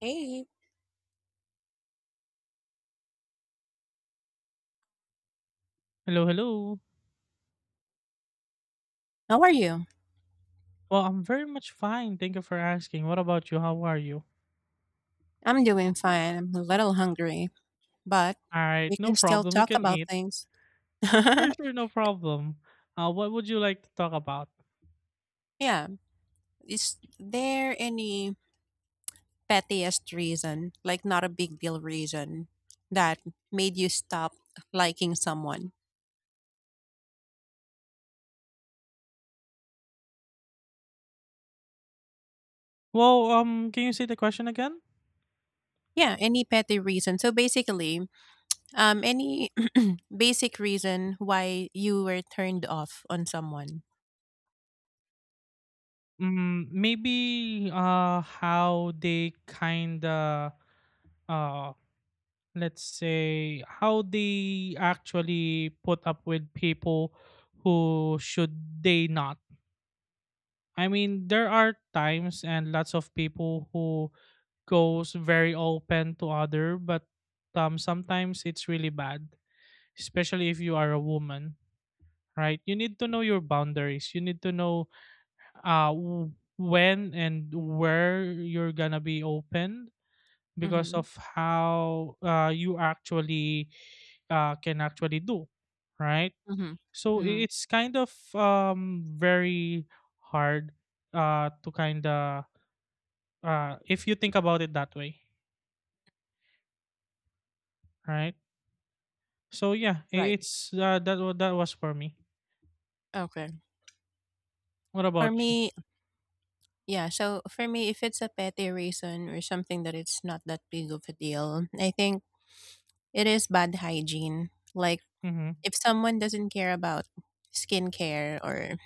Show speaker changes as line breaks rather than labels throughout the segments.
Hey,
Hello, hello.
how are you?
Well, I'm very much fine. Thank you for asking. What about you? How are you?
I'm doing fine. I'm a little hungry, but
All right,
we
no
can still
problem. You
talk
can
about
eat.
things.
Sure, sure, no problem. What would you like to talk about?
yeah. Is there any pettiest reason, like not a big deal reason, that made you stop liking someone?
Well, can you say the question again?
Yeah, any petty reason. So basically, any basic reason why you were turned off on someone.
Maybe how they kinda uh, let's say how they actually put up with people who should they not. I mean, there are times and lots of people who goes very open to other, but sometimes it's really bad, especially if you are a woman, right? You need to know your boundaries. You need to know when and where you're gonna be open because
Mm-hmm.
of how you actually can actually do, right?
Mm-hmm.
So
Mm-hmm.
it's kind of very hard to kind of if you think about it that way, right? So yeah,
Right.
it's that was for me.
Okay.
What
For
about you?
me, Yeah, so for me, if it's a petty reason or something that it's not that big of a deal, I think it is bad hygiene. Like
Mm-hmm.
if someone doesn't care about skincare or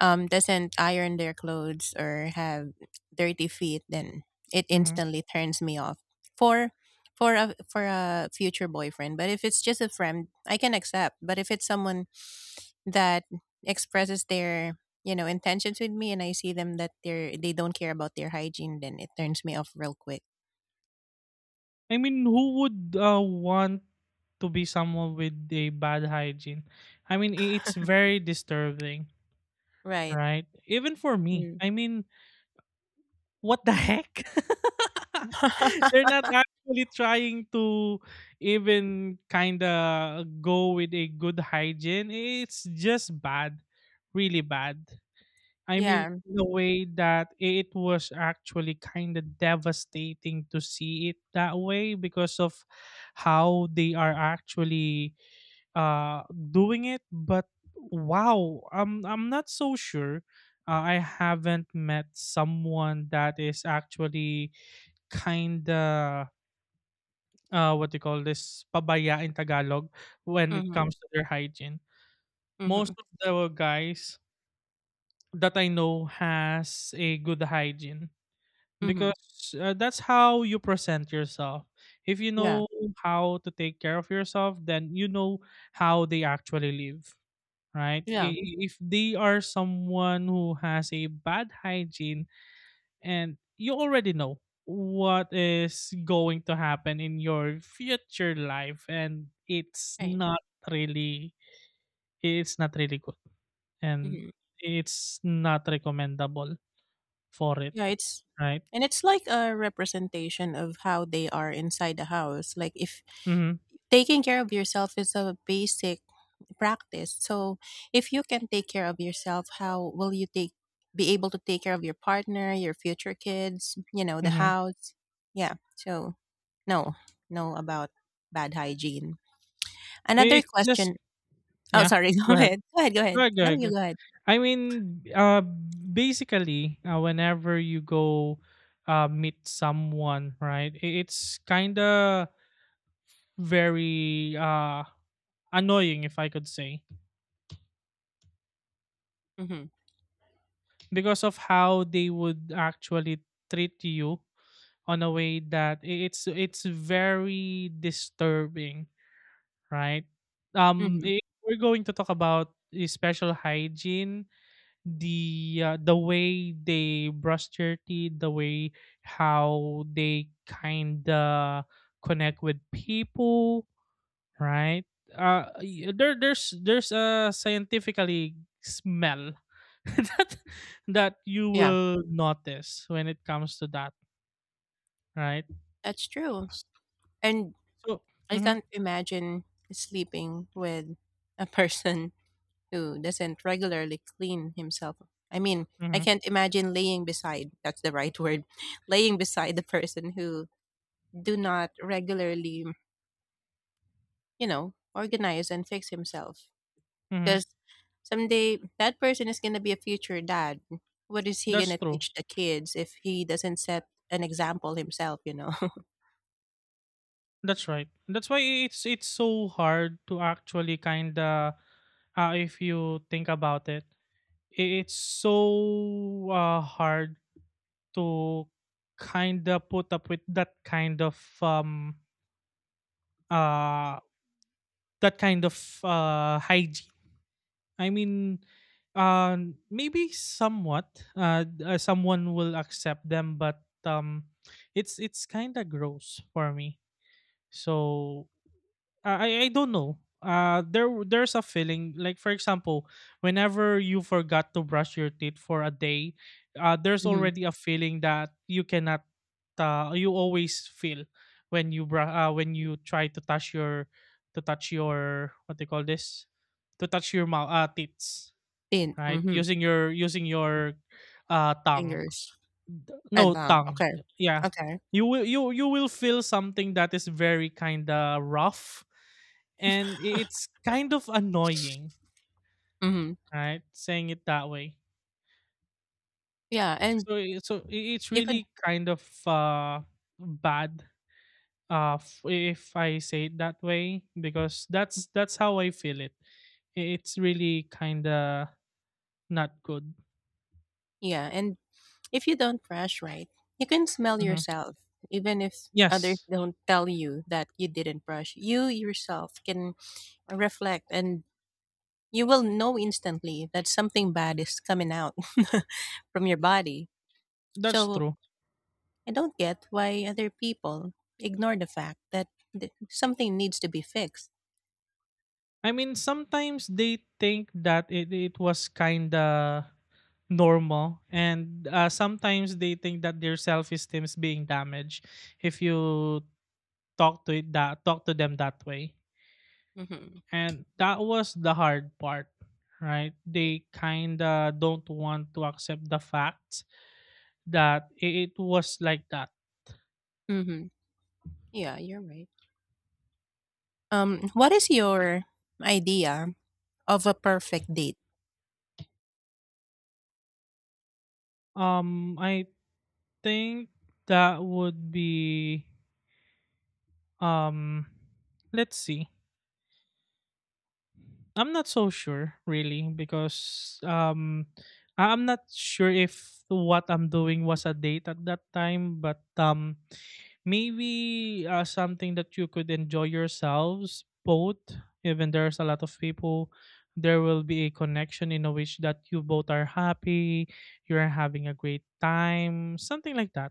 doesn't iron their clothes or have dirty feet, then it
Mm-hmm.
instantly turns me off. For for a future boyfriend, but if it's just a friend, I can accept. But if it's someone that expresses their intentions with me, and I see them that they don't care about their hygiene, then it turns me off real quick.
I mean, who would want to be someone with a bad hygiene? I mean, it's very disturbing,
Right.
right? Even for me,
Mm.
I mean, what the heck. They're not actually trying to even kind of go with a good hygiene. It's just bad, really bad. I mean,
Yeah.
in a way that it was actually kind of devastating to see it that way because of how they are actually uh doing it. But wow, I'm not so sure. I haven't met someone that is actually kind of what do you call this, pabaya in Tagalog, when it
Mm-hmm.
comes to their hygiene.
Mm-hmm.
Most of the guys that I know has a good hygiene
Mm-hmm.
because that's how you present yourself. If you
Yeah.
know how to take care of yourself, then you know how they actually live, right?
Yeah.
If they are someone who has a bad hygiene and you already know what is going to happen in your future life, and
Right.
really it's not really good, and
Mm-hmm.
it's not recommendable for it,
Yeah. It's,
right?
and it's like a representation of how they are inside the house. Like if
Mm-hmm.
taking care of yourself is a basic practice. So if you can take care of yourself, how will you take be able to take care of your partner, your future kids, you know, the
Mm-hmm.
house? Yeah. So no, no about bad hygiene. Another
It's just.
question. Oh,
Yeah,
sorry. Go
go ahead.
ahead. Go ahead. Go
Go
ahead.
ahead, go
No,
ahead,
you
go.
go ahead.
I mean, basically, whenever you go meet someone, right, it's kind of very annoying, if I could say,
Mhm,
because of how they would actually treat you on a way that it's very disturbing, right?
mhm.
If we're going to talk about the special hygiene, the way they brush their teeth, the way how they kind of connect with people, right? There's a scientifically smell that that you
Yeah,
will notice when it comes to that, right?
that's true, and
So.
I
Mm-hmm.
can't imagine sleeping with a person who doesn't regularly clean himself. I mean, I
Mm-hmm.
can't imagine laying beside, that's the right word, laying beside the person who do not regularly, you know, organize and fix himself.
Mm-hmm.
Because someday that person is going to be a future dad. What is he going
That's
to
true.
teach the kids if he doesn't set an example himself, you know?
That's right. That's why it's so hard to actually kind of if you think about it, it's so hard to kind of put up with uh that kind of hygiene. I mean, uh maybe somewhat someone will accept them, but it's kind of gross for me, so. I don't know. There's a feeling, like for example, whenever you forgot to brush your teeth for a day, there's
Hmm.
already a feeling that you cannot you always feel when when you try to touch your what they call this? To touch your mouth teeth,
Thin.
right?
Hmm.
Using your tongue.
Fingers.
D
And
No,
long.
tongue.
Okay.
Yeah.
Okay.
You will feel something that is very kinda rough, and I it's kind of annoying,
Hmm.
right? Saying it that way.
Yeah. And
So I it's
you could,
really kind of, bad, f if I say it that way, because that's how I feel it. I It's really kinda not good.
yeah. And if you don't brush right, you can smell
Mhm.
yourself. Even if others
Yes,
don't tell you that you didn't brush, you yourself can reflect and you will know instantly that something bad is coming out from your body.
that's
So
true.
I don't get why other people ignore the fact that something needs to be fixed.
I mean, sometimes they think that it was kinda normal, and sometimes they think that their self-esteem is being damaged if you talk to them that way.
Mm-hmm.
And that was the hard part, right?
Yeah.
They kind of don't want to accept the fact that it was like that.
Mm-hmm. Yeah, you're right. What is your idea of a perfect date?
I think that would be, um let's see, I'm not so sure really because I'm not sure if what I'm doing was a date at that time, but maybe something that you could enjoy yourselves both. Even there's a lot of people, there will be a connection in a which that you both are happy, you're having a great time, something like that.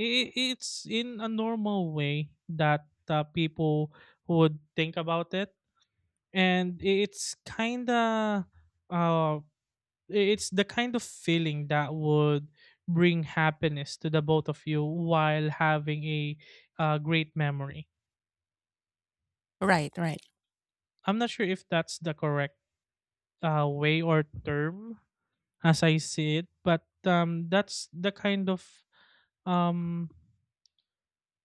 It's in a normal way that people would think about it, and it's kind of uh it's the kind of feeling that would bring happiness to the both of you while having a great memory.
Right, right.
I'm not sure if that's the correct way or term, as I see it, but um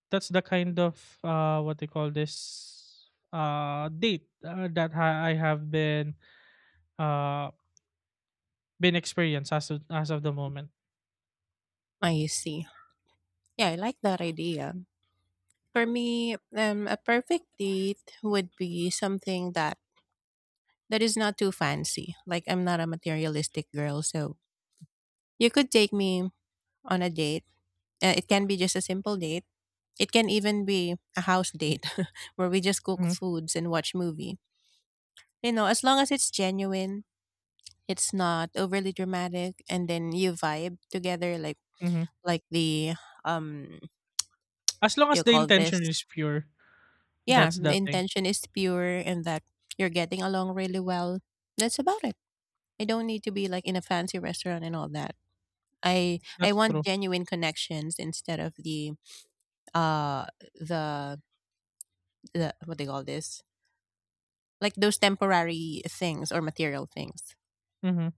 that's the kind of what they call this, date, that I have been uh experienced as of, the moment.
I see. Yeah, I like that idea. For me, a perfect date would be something that is not too fancy. Like I'm not a materialistic girl, so you could take me on a date. It can be just a simple date. It can even be a house date where we just cook
Mhm.
foods and watch movie. You know, as long as it's genuine, it's not overly dramatic, and then you vibe together
Mhm.
like the um what
As long
do
as
you
the
call
intention
this?
is pure,
Yeah,
that's
the
that thing.
intention is pure and that you're getting along really well. That's about it. I don't need to be like in a fancy restaurant and all that. I
That's
want
true.
genuine connections instead of the uh the what they call this, like those temporary things or material things.
Mhm.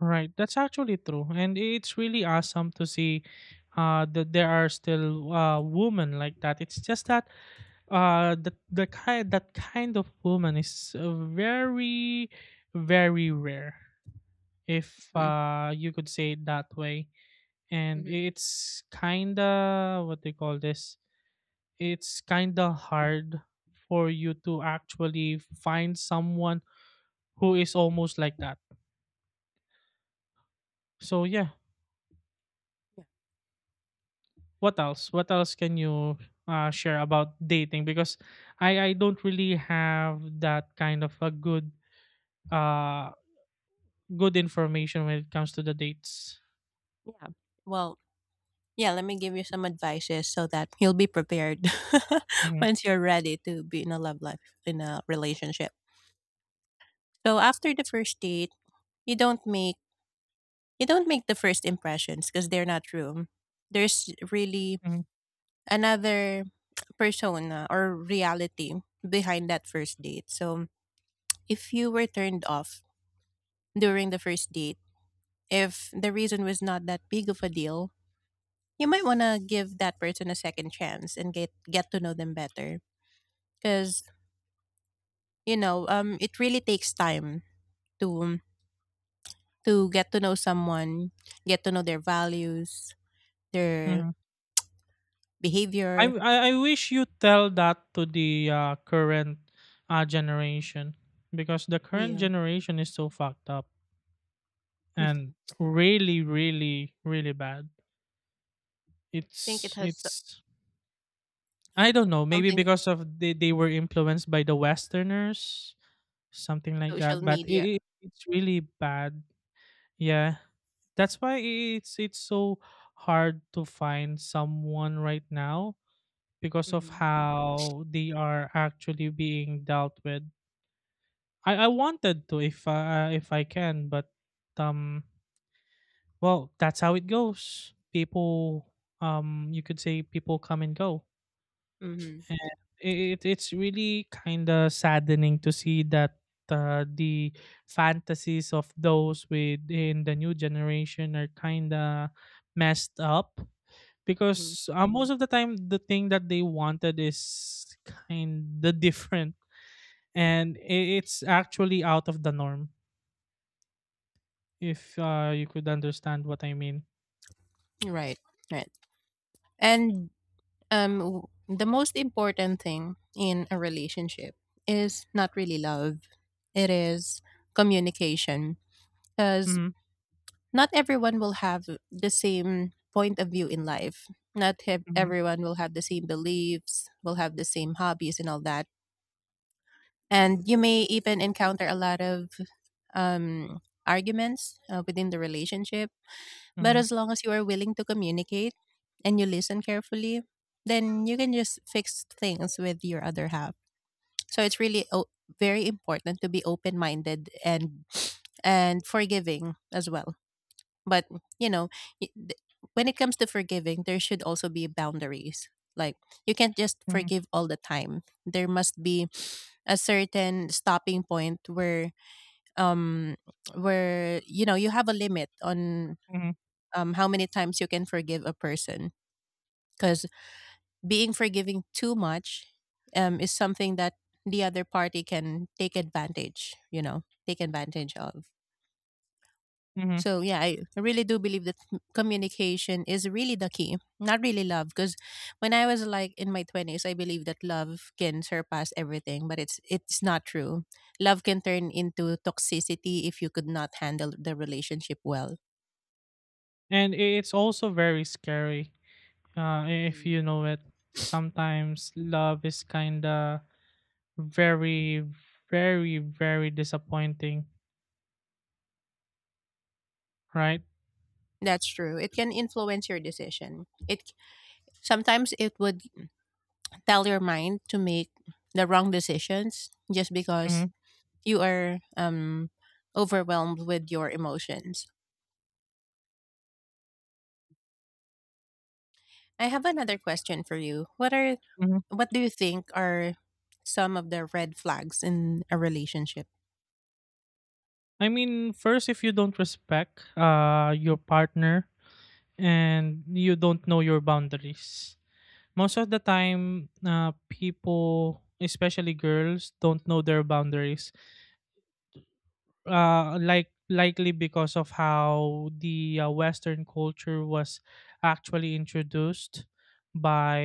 Right. That's actually true. And it's really awesome to see that there are still women like that. It's just that the kind that kind of woman is very, very rare, if
Mm.
you could say it that way. And it's kind of what they call this. It's kind of hard for you to
Mm.
actually find someone who is almost like that. So yeah,
Yeah.
what else? What else can you share about dating? Because I don't really have that kind of a good uh good information when it comes to the dates.
Yeah. Well, yeah, let me give you some advices so that you'll be prepared
Hmm.
once you're ready to be in a love life, in a relationship. So after the first date, you don't make you don't make the first impressions because they're not true. There's really
Hmm.
another persona or reality behind that first date. So if you were turned off during the first date, if the reason was not that big of a deal, you might want to give that person a second chance and get to know them better because, you know, it really takes time to get to know someone, get to know their values, their
Hmm. I,
behavior.
I I wish you tell that to the current generation because the current
Yeah,
generation is so fucked up
I
and really, really, really bad.
think it has
It's I don't know, maybe
something to
because of they were influenced by the Westerners, something like
social
that. But
media.
it's really bad. Yeah, that's why it's so hard to find someone right now because of
Hmm.
how they are actually being dealt with. I wanted to, if I can, but um, well, that's how it goes. People, you could say people come and go.
Hmm.
And it's really kinda saddening to see that the fantasies of those within the new generation are kinda messed up
Hmm.
because most of the time the thing that they wanted is kinda different, and it's actually out of the norm, if you could understand what I mean.
Right, right. And the most important thing in a relationship is not really love; it is communication. Because
Mm-hmm.
not everyone will have the same point of view in life. Not have,
Mm-hmm.
Everyone will have the same beliefs, will have the same hobbies and all that. And you may even encounter a lot of um, arguments within the relationship. But
Mm-hmm.
as long as you are willing to communicate and you listen carefully, then you can just fix things with your other half. So it's really very important to be open minded and forgiving as well. But, you know, y- th- when it comes to forgiving, there should also be boundaries. Like you can't just
Mm-hmm.
forgive all the time. There must be a certain stopping point um where you know you have a limit on
Mm-hmm.
how many times you can forgive a person because being forgiving too much is something that the other party can take advantage, you know, take advantage of.
Mm-hmm.
So yeah, I really do believe that communication is really the key, not really love. Because when I was like in my twenties, I believed that love can surpass everything, but it's not true. Love can turn into toxicity if you could not handle the relationship well.
And it's also very scary, if
Mm.
you know it. Sometimes love is kind of very, very, very disappointing, right?
That's true. It can influence your decision. It Sometimes it would tell your mind to make the wrong decisions just
Mm-hmm.
because you are overwhelmed with your emotions. I have another question for you.
Mm-hmm.
What do you think are some of the red flags in a relationship?
I mean, first, if you don't respect your partner and you don't know your boundaries, most of the time, people, especially girls, don't know their boundaries. Likely because of how the Western culture was actually introduced by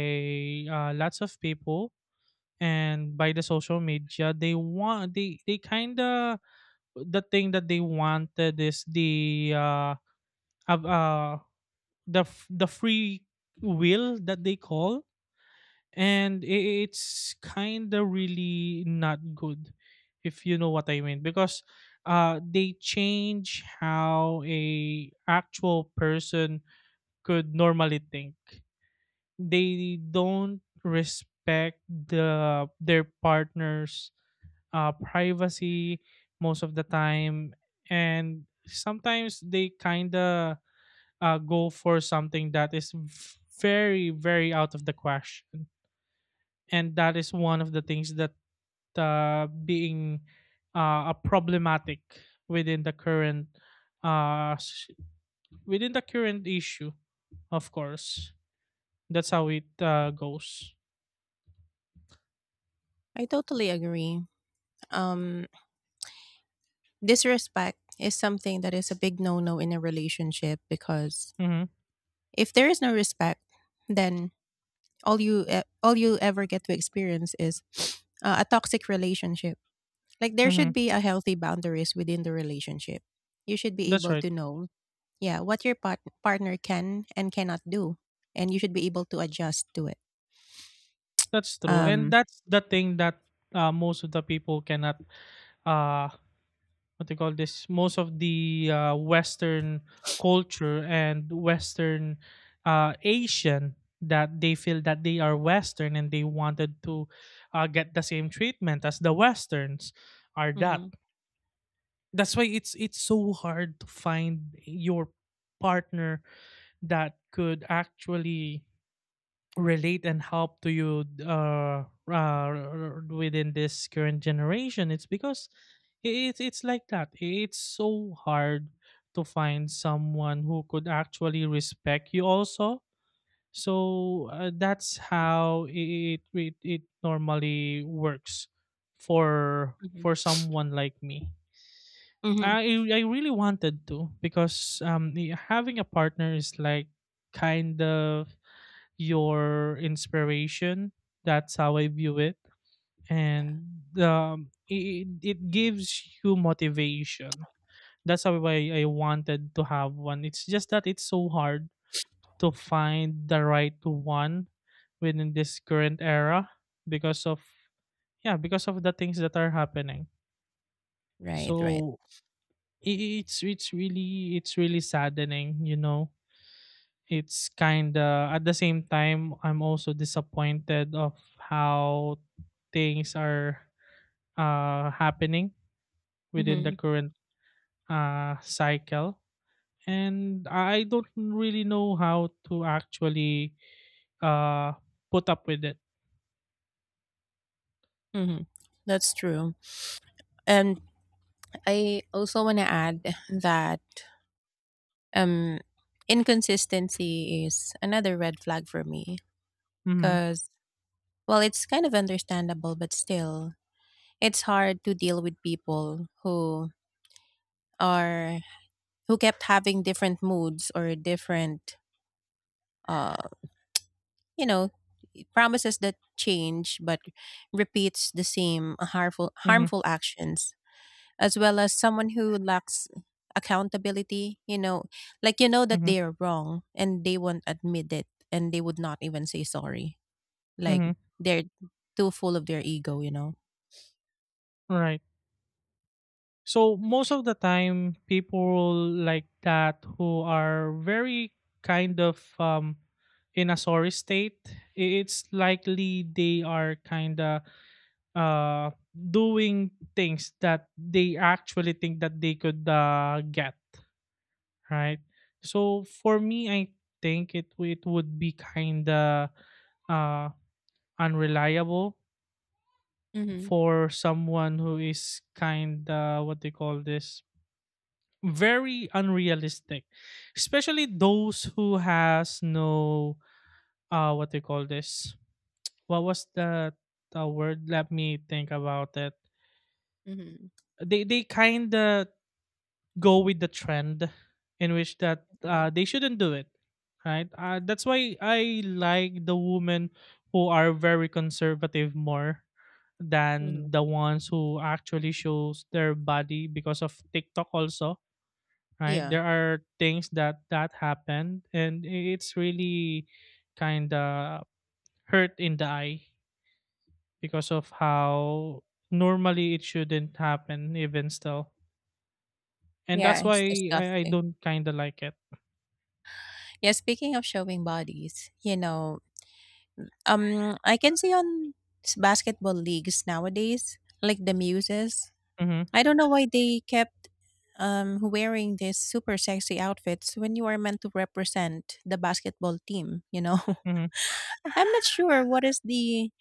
lots of people and by the social media. They kind of, the thing that they wanted is uh, uh the free will that they call, and it's kind of really not good, if you know what I mean, because they change how a actual person could normally think. They don't respect their partner's privacy most of the time. And sometimes they kind of go for something that is very, very out of the question. And that is one of the things that being a problematic within the current uh, s- within the current issue, of course. That's how it goes.
I totally agree. Um, disrespect is something that is a big no-no in a relationship because
Mm-hmm.
if there is no respect, then all you ever get to experience is a toxic relationship. Like there
Mm-hmm.
should be a healthy boundaries within the relationship. You should be
That's
able
right.
to know, yeah, what your partner can and cannot do, and you should be able to adjust to it.
That's true. And
Um,
that's the thing that most of the people cannot uh, what they call this, most of the Western culture and Western Asian that they feel that they are Western, and they wanted to get the same treatment as the Westerns are, that.
hmm.
That's why it's so hard to find your partner that could actually relate and help to you within this current generation. It's because it's like that, it's so hard to find someone who could actually respect you also. So that's how it normally works for
Hmm.
someone like me.
Hmm.
I i really wanted to because having a partner is like kind of your inspiration. That's how I view it,
Yeah.
and it gives you motivation. That's how I wanted to have one. It's just that it's so hard to find the right one within this current era because of, yeah, because of the things that are happening.
Right.
So
Right.
i- i- it's it's really it's really saddening, you know it's kind of at the same time I'm also disappointed of how things are happening within the
Hmm.
current cycle, and I don't really know how to actually uh put up with it.
Hmm. That's true. And I also want to add that um, inconsistency is another red flag for me
Mm-hmm,
because, well, it's kind of understandable, but still, it's hard to deal with people who are, who kept having different moods or different uh you know, promises that change but repeats the same
mm-hmm,
harmful actions, as well as someone who lacks accountability, you know, like you know that
mm-hmm,
they are wrong and they won't admit it, and they would not even say sorry, like
mm-hmm.
they're too full of their ego, you know.
Right. So most of the time, people like that who are very kind of in a sorry state, it's likely they are kind of doing things that they actually think that they could get right. So for me, I think it would be kind of uh, unreliable
Mhm,
for someone who is kind of what they call this very unrealistic, especially those who has no what they call this, what was the word, let me think about it.
mhm,
They kind of go with the trend in which that
okay,
they shouldn't do it. Right. That's why I like the women who are very conservative more
mhm,
than the ones who actually shows their body because of TikTok also. Right,
yeah,
there are things that happened, and it's really kind of hurt in the eye because of how normally it shouldn't happen even still, and
yeah,
that's why
it's
I
disgusting.
don't kind of like it.
Yeah, speaking of showing bodies, you know, um, I can see on basketball leagues nowadays, like the Muses.
Mm-hmm,
I don't know why they kept wearing these super sexy outfits when you are meant to represent the basketball team, you know.
mm-hmm,
I'm not sure what is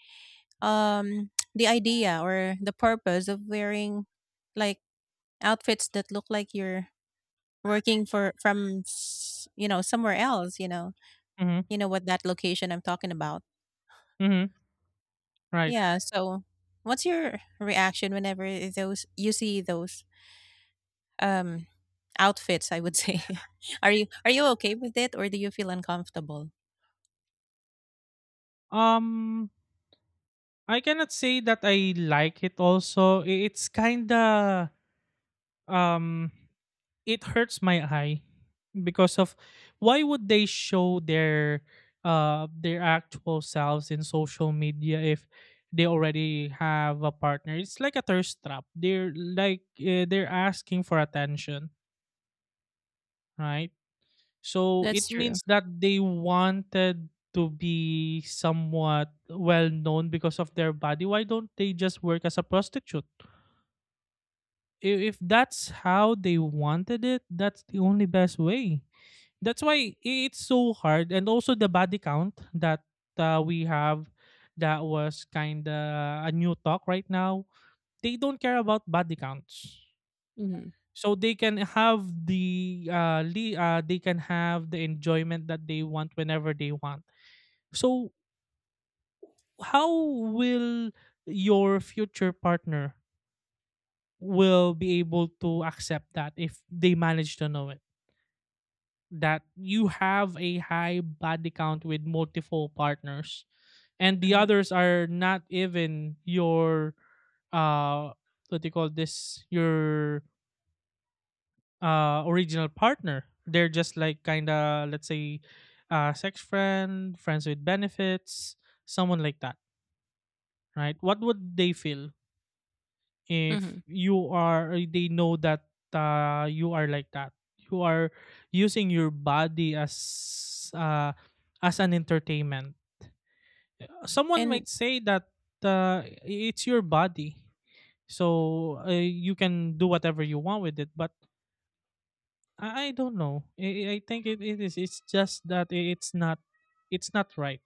um the idea or the purpose of wearing like outfits that look like you're working for from you know, somewhere else, you know.
mm-hmm,
You know what that location I'm talking about.
mm-hmm. Right.
Yeah, so what's your reaction whenever those you see those um outfits, I would say. Are you, are you okay with it or do you feel uncomfortable?
um I cannot say that I like it also. It's kind of um it hurts my eye because of why would they show their actual selves in social media if they already have a partner? It's like a thirst trap. They're like they're asking for attention. Right. So
That's
it
true.
means that they wanted to be somewhat well known because of their body. Why don't they just work as a prostitute? If that's how they wanted it, that's the only best way. That's why it's so hard, and also the body count that we have, that was kind of a new talk right now. They don't care about body counts,
Mhm.
so they can have the they can have the enjoyment that they want whenever they want. So how will your future partner will be able to accept that if they manage to know it, that you have a high body count with multiple partners, and the
Mhm.
others are not even your uh what do you call this, your original partner? They're just like kind of, let's say, sex friends with benefits, someone like that. Right, what would they feel if
Mhm.
you are, they know that you are like that, you are using your body as an entertainment. Someone
And
might say that it's your body, so you can do whatever you want with it, but I don't know. I think it's just that it's not, it's not right.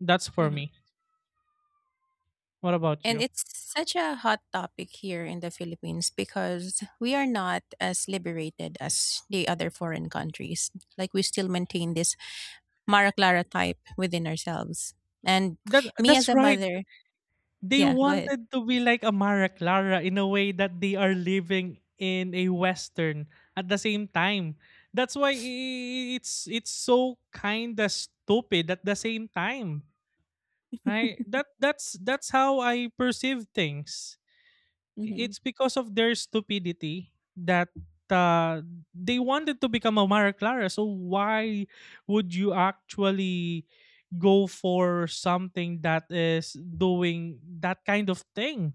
That's for
mhm.
me. What about
And
you?
it's such a hot topic here in the Philippines because we are not as liberated as the other foreign countries. Like we still maintain this Mara Clara type within ourselves. And
That,
me as
that's
a
right.
mother,
They
yeah, go ahead.
wanted to be like amara clara in a way that they are living in a western at the same time. That's why it's so kind of stupid at the same time. Right, that's how I perceive things.
Hmm.
It's because of their stupidity that uh, they wanted to become a Mara Clara. So why would you actually go for something that is doing that kind of thing?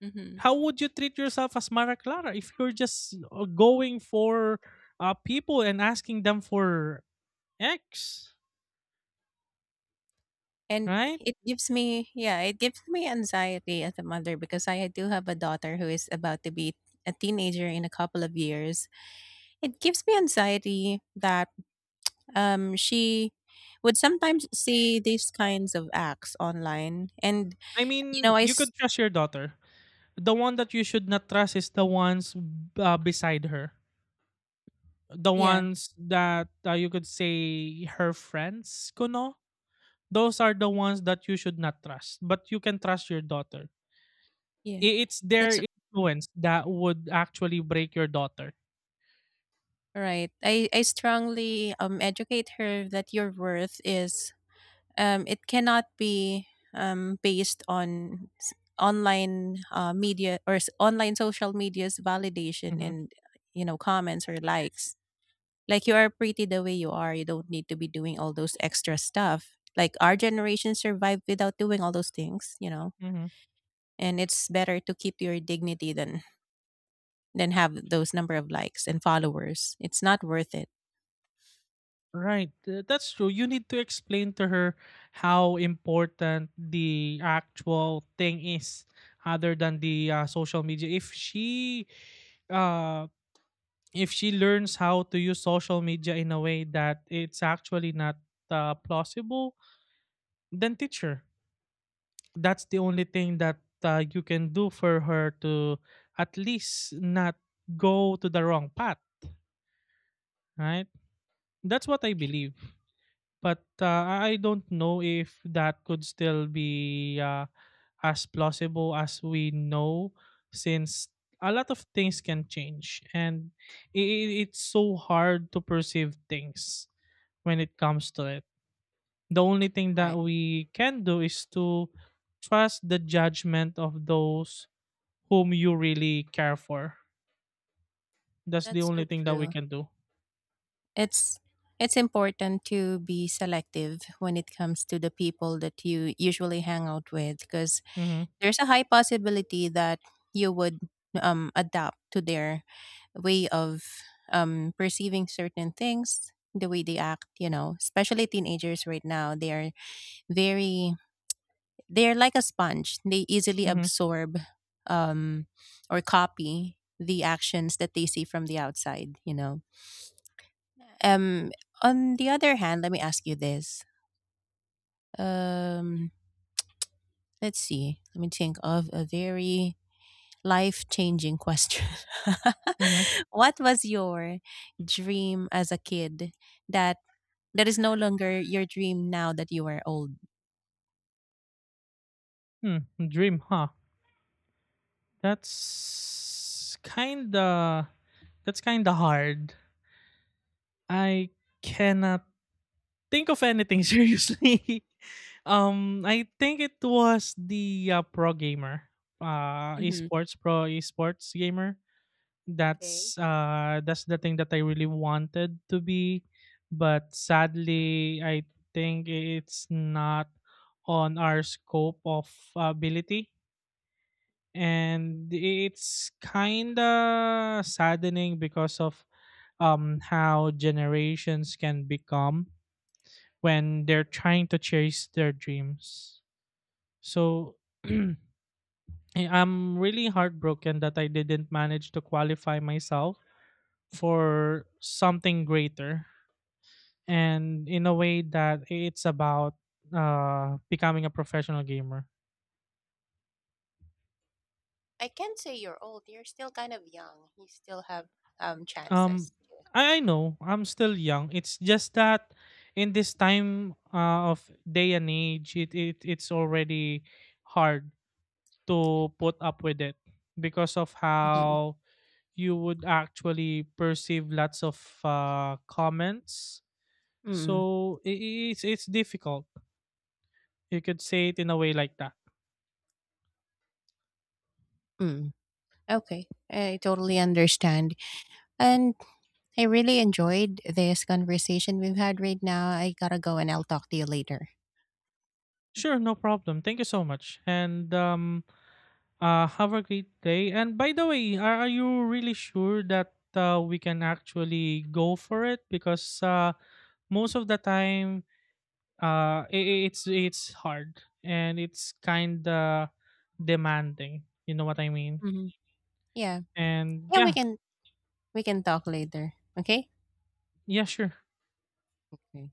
Hmm.
How would you treat yourself as Mara Clara if you're just going for people and asking them for X,
And
right?
it gives me, yeah, it gives me anxiety as a mother because I do have a daughter who is about to be a teenager in a couple of years. It gives me anxiety that um, she would sometimes see these kinds of acts online, and,
I
you know,
mean, you could trust your daughter. The one that you should not trust is the ones beside her, the
yeah,
ones that you could say her friends kuno. Those are the ones that you should not trust, but you can trust your daughter.
yeah,
It's their
that's
influence that would actually break your daughter.
right. I strongly educate her that your worth is it cannot be based on online media or online social media's validation
Hmm.
and, you know, comments or likes. Like you are pretty the way you are. You don't need to be doing all those extra stuff. Like our generation survived without doing all those things, you know.
Hmm.
And it's better to keep your dignity than have those number of likes and followers. It's not worth it.
Right. That's true. You need to explain to her how important the actual thing is other than the social media. If she uh if she learns how to use social media in a way that it's actually not plausible, then teach her. That's the only thing that you can do for her to at least not go to the wrong path, right? That's what I believe. But, I don't know if that could still be, as plausible as we know, since a lot of things can change, and it's so hard to perceive things when it comes to it. The only thing that
Right.
we can do is to trust the judgment of those whom you really care for. That's the
That's so
only thing that we
true.
can do.
It's it's important to be selective when it comes to the people that you usually hang out with because
Mm-hmm.
there's a high possibility that you would adapt to their way of perceiving certain things, the way they act, you know, especially teenagers right now. They are very, they're like a sponge, they easily
Mm-hmm.
absorb um, or copy the actions that they see from the outside, you know. Um, on the other hand, let me ask you this. um let's see, let me think of a very life changing question.
Mm-hmm.
What was your dream as a kid that is no longer your dream now that you are old.
Hmm. Dream, huh? That's kinda that's kinda hard. I cannot think of anything seriously. I think it was the pro gamer,
Mm-hmm.
esports gamer.
Okay.
That's the thing that I really wanted to be, but sadly I think it's not on our scope of ability, and it's kind of saddening because of how generations can become when they're trying to chase their dreams. So I- I'm really heartbroken that I didn't manage to qualify myself for something greater, and in a way that it's about becoming a professional gamer.
I can't say you're old. You're still kind of young. You still have
Um,
chances. To-
I know I'm still young. It's just that in this time of day and age, it's already hard to put up with it because of
mm-hmm.
how you would actually perceive lots of comments.
Mm.
So it's it's difficult. You could say it in a way like that.
Mm. Okay, I totally understand. And I really enjoyed this conversation we've had right now. I gotta go and I'll talk to you later.
Sure, no problem. Thank you so much. And have a great day. And by the way, are you really sure that we can actually go for it? Because most of the time, it's it's hard and it's kind of demanding, you know what I mean?
Mhm. Yeah.
And
Yeah, we
yeah.
can we can talk later. Okay?
Yeah, sure.
Okay.